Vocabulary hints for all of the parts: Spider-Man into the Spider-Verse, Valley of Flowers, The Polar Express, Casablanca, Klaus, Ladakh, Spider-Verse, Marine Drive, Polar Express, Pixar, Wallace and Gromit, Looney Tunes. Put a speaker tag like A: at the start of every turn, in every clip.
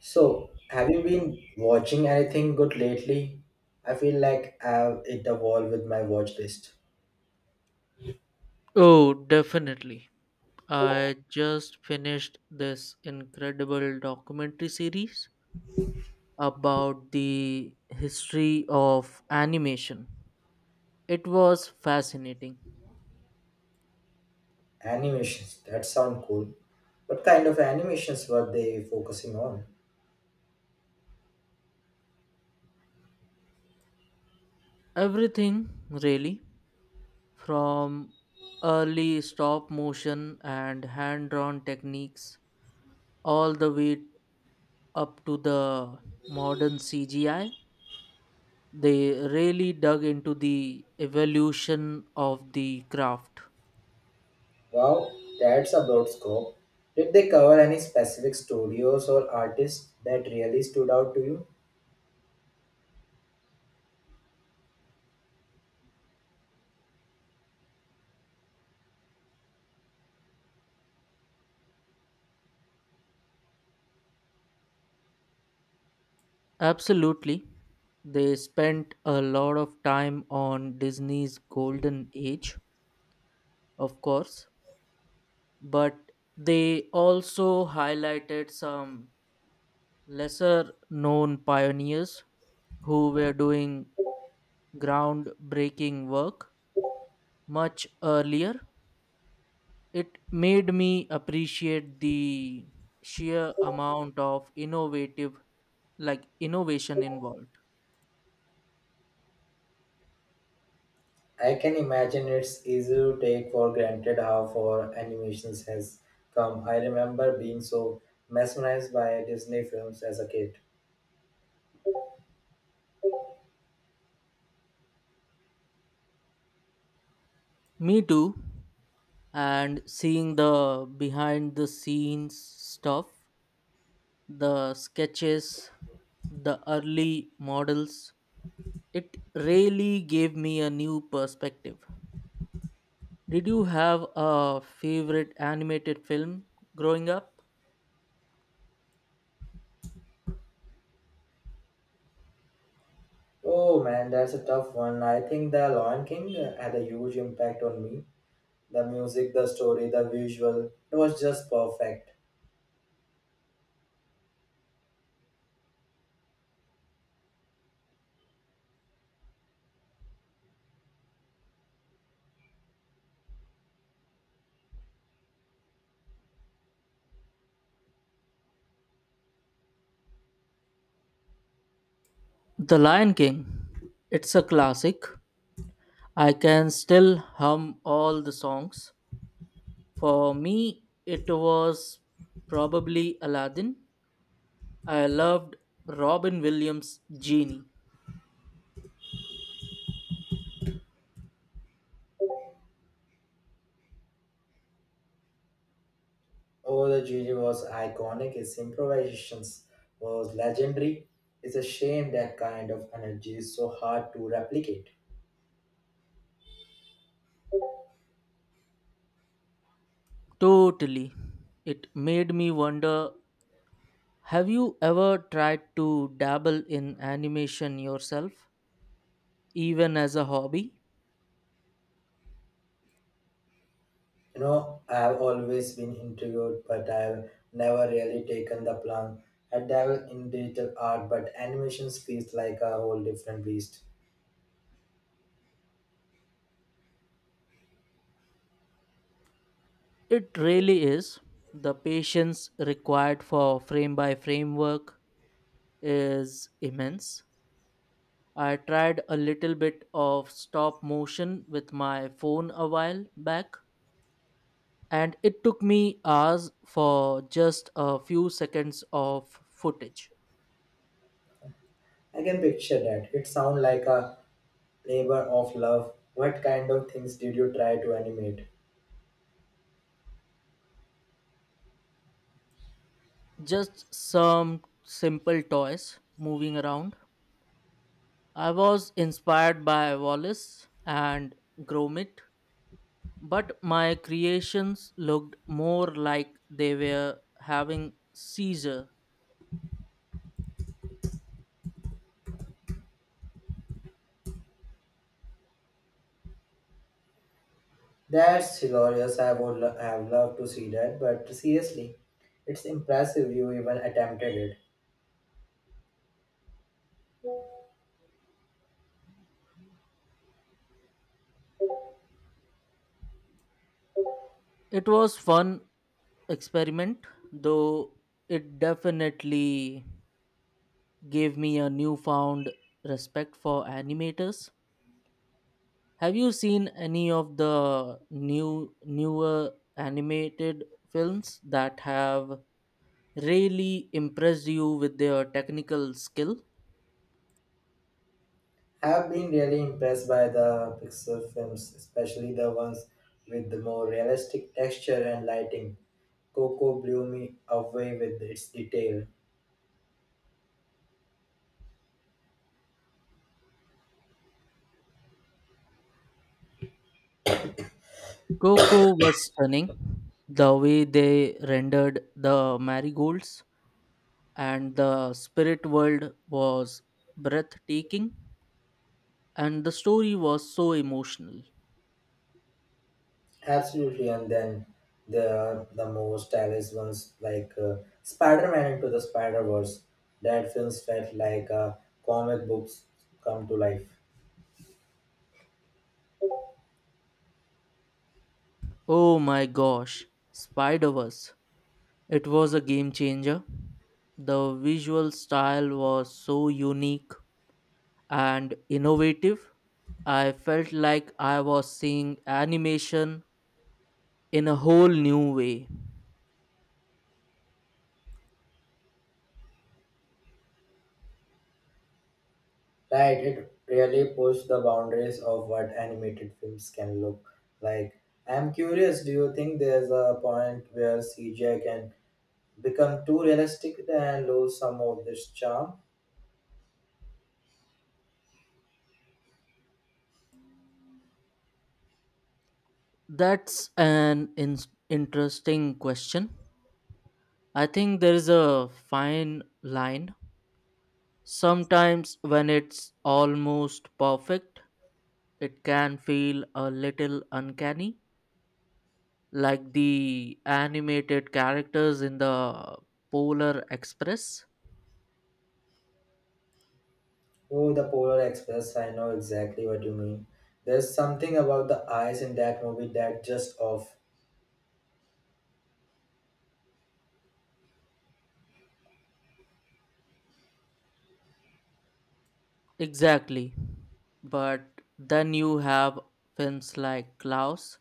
A: So, have you been watching anything good lately? I feel like I've hit the wall with my watch list.
B: Oh, definitely. I just finished this incredible documentary series about the history of animation. It was fascinating.
A: Animations, that sound cool. What kind of animations were they focusing on?
B: Everything, really, from early stop motion and hand drawn techniques all the way up to the modern CGI. They really dug into the evolution of the craft.
A: Wow, that's a broad scope. Did they cover any specific studios or artists that really stood out to you?
B: Absolutely. They spent a lot of time on Disney's golden age, of course, but they also highlighted some lesser known pioneers who were doing groundbreaking work much earlier. It made me appreciate the sheer amount of innovative like innovation involved.
A: I can imagine it's easy to take for granted how far animations has come. I remember being so mesmerized by Disney films as a kid.
B: Me too, and seeing the behind the scenes stuff, the sketches, the early models, it really gave me a new perspective. Did you have a favorite animated film growing up?
A: Oh man, that's a tough one. I think The Lion King had a huge impact on me. The music, the story, the visual, it was just perfect.
B: The Lion King. It's a classic. I can still hum all the songs. For me, it was probably Aladdin. I loved Robin Williams' Genie.
A: Oh, the Gigi was iconic, his improvisations was legendary. It's a shame that kind of energy is so hard to replicate.
B: Totally. It made me wonder, have you ever tried to dabble in animation yourself, even as a hobby?
A: You know, I have always been interviewed, but I've never really taken the plunge. I dabble in digital art, but animation feels like a whole different beast.
B: It really is. The patience required for frame by frame work is immense. I tried a little bit of stop motion with my phone a while back, and it took me hours for just a few seconds of footage.
A: I can picture that. It sounds like a Labor of love. What kind of things did you try to animate?
B: Just some simple toys moving around. I was inspired by Wallace and Gromit, but my creations looked more like they were having seizure.
A: That's hilarious. Have loved to see that, but seriously, it's impressive you even attempted it.
B: It was fun experiment, though it definitely gave me a newfound respect for animators. Have you seen any of the newer animated films that have really impressed you with their technical skill?
A: I've been really impressed by the Pixar films, especially the ones with the more realistic texture and lighting. Coco blew me away with its detail.
B: Coco was stunning. The way they rendered the marigolds and the spirit world was breathtaking, and the story was so emotional.
A: Absolutely, and then there are the most stylish ones like Spider-Man into the Spider-Verse. That films felt like comic books come to life.
B: Oh my gosh, Spider-Verse. It was a game changer. The visual style was so unique and innovative. I felt like I was seeing animation in a whole new way.
A: Right, it really pushed the boundaries of what animated films can look like. I'm curious, do you think there's a point where CGI can become too realistic and lose some of this charm?
B: Interesting question. I think there is a fine line. Sometimes, when it's almost perfect, it can feel a little uncanny, like the animated characters in the Polar Express.
A: Oh, the Polar Express, I know exactly what you mean. There's something about the eyes in that movie that just off.
B: Exactly. But then you have films like Klaus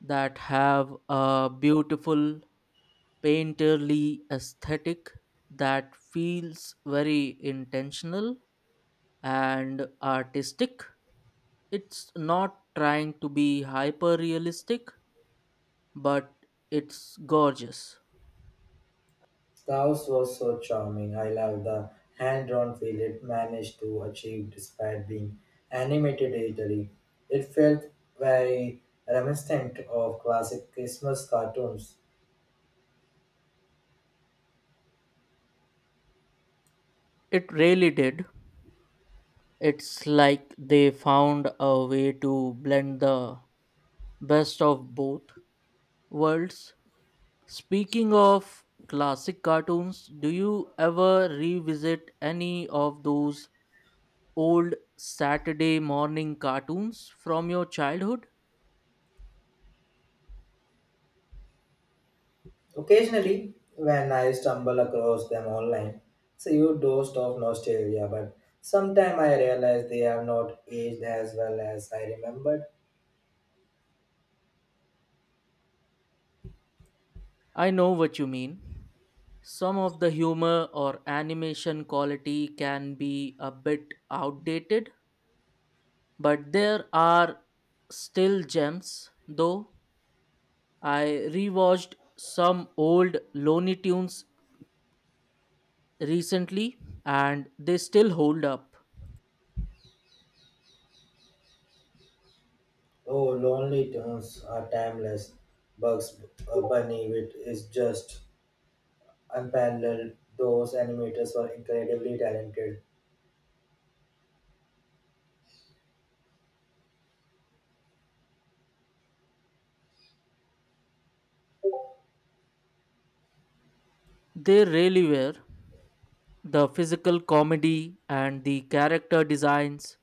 B: that have a beautiful painterly aesthetic that feels very intentional and artistic. It's not trying to be hyper realistic, but it's gorgeous.
A: The house was so charming. I love the hand drawn feel it managed to achieve despite being animated digitally. It felt very reminiscent of classic Christmas cartoons.
B: It really did. It's like they found a way to blend the best of both worlds. Speaking of classic cartoons, do you ever revisit any of those old Saturday morning cartoons from your childhood?
A: Occasionally, when I stumble across them online, it's a huge dose of nostalgia, but sometimes I realize they have not aged as well as I remembered.
B: I know what you mean. Some of the humor or animation quality can be a bit outdated, but there are still gems, though. I rewatched some old Looney Tunes recently and they still hold up.
A: Oh, Lonely Tunes are timeless. Bugs Bunny with is just unparalleled. Those animators were incredibly talented.
B: They really were. The physical comedy and the character designs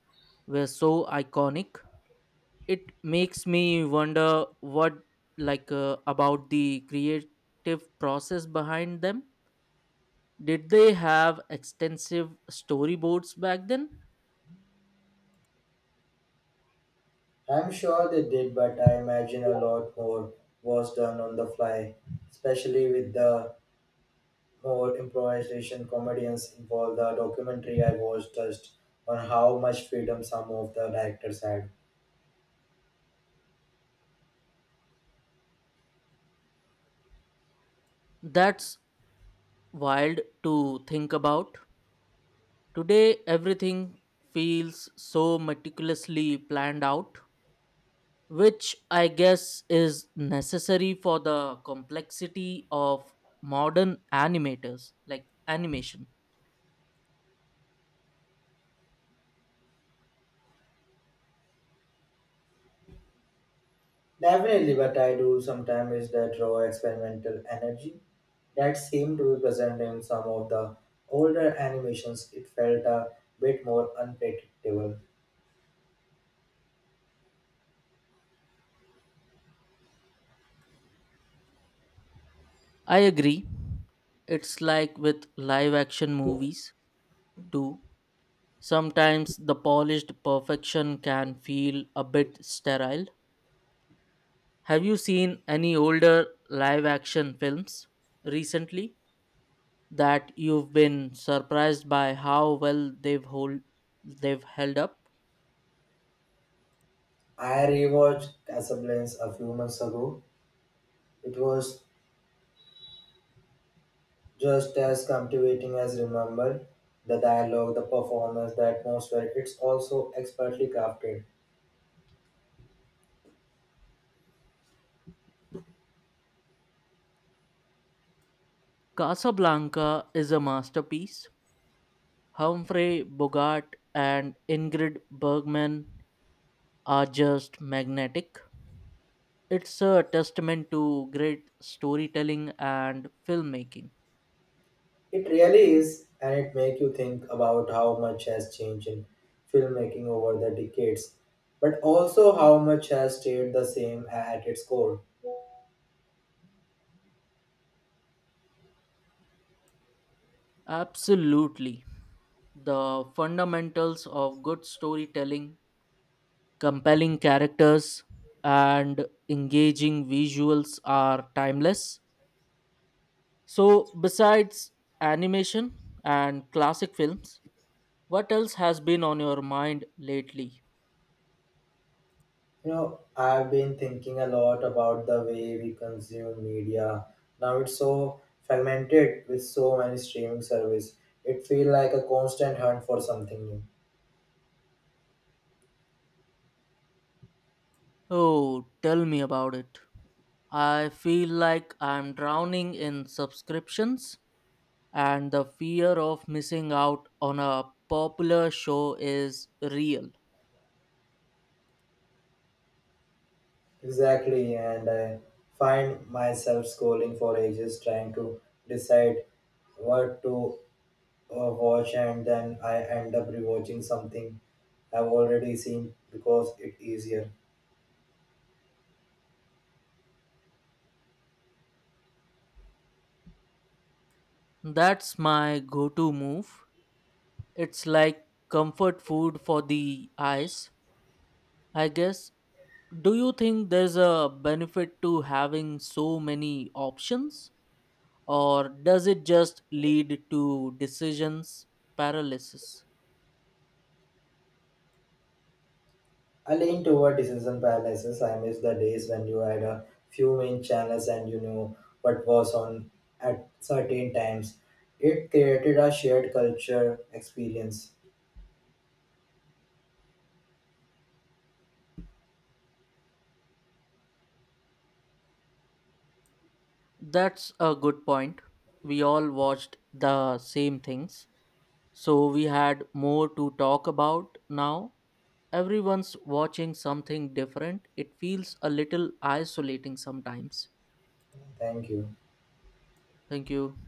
B: were so iconic. It makes me wonder what, about the creative process behind them, did they have extensive storyboards back then?
A: I'm sure they did, but I imagine a lot more was done on the fly, especially with the more improvisation comedians involved. The documentary I watched touched on how much freedom some of the directors had.
B: That's wild to think about. Today everything feels so meticulously planned out, which I guess is necessary for the complexity of modern animators like animation.
A: Definitely, but I do sometimes is that raw experimental energy. That seemed to be present in some of the older animations, it felt a bit more unpredictable.
B: I agree. It's like with live action movies, too. Sometimes the polished perfection can feel a bit sterile. Have you seen any older live action films recently that you've been surprised by how well they've held up?
A: I rewatched Casablanca a few months ago. It was just as captivating as Remember. The dialogue, the performance, the atmosphere, it's also expertly crafted.
B: Casablanca is a masterpiece. Humphrey Bogart and Ingrid Bergman are just magnetic. It's a testament to great storytelling and filmmaking.
A: It really is, and it makes you think about how much has changed in filmmaking over the decades, but also how much has stayed the same at its core.
B: Absolutely. The fundamentals of good storytelling, compelling characters, and engaging visuals are timeless. So, besides animation and classic films, what else has been on your mind lately?
A: You know, I've been thinking a lot about the way we consume media. Now it's so fragmented with so many streaming services. It feels like a constant hunt for something new.
B: Oh, tell me about it. I feel like I'm drowning in subscriptions and the fear of missing out on a popular show is real.
A: Exactly, and I find myself scrolling for ages trying to decide what to watch, and then I end up rewatching something I've already seen because it's easier.
B: That's my go to move. It's like comfort food for the eyes, I guess. Do you think there's a benefit to having so many options, or does it just lead to decisions paralysis?
A: I lean toward decision paralysis. I miss the days when you had a few main channels and you knew what was on at certain times. It created a shared culture experience.
B: That's a good point. We all watched the same things, so we had more to talk about. Now everyone's watching something different. It feels a little isolating sometimes.
A: Thank you.
B: Thank you.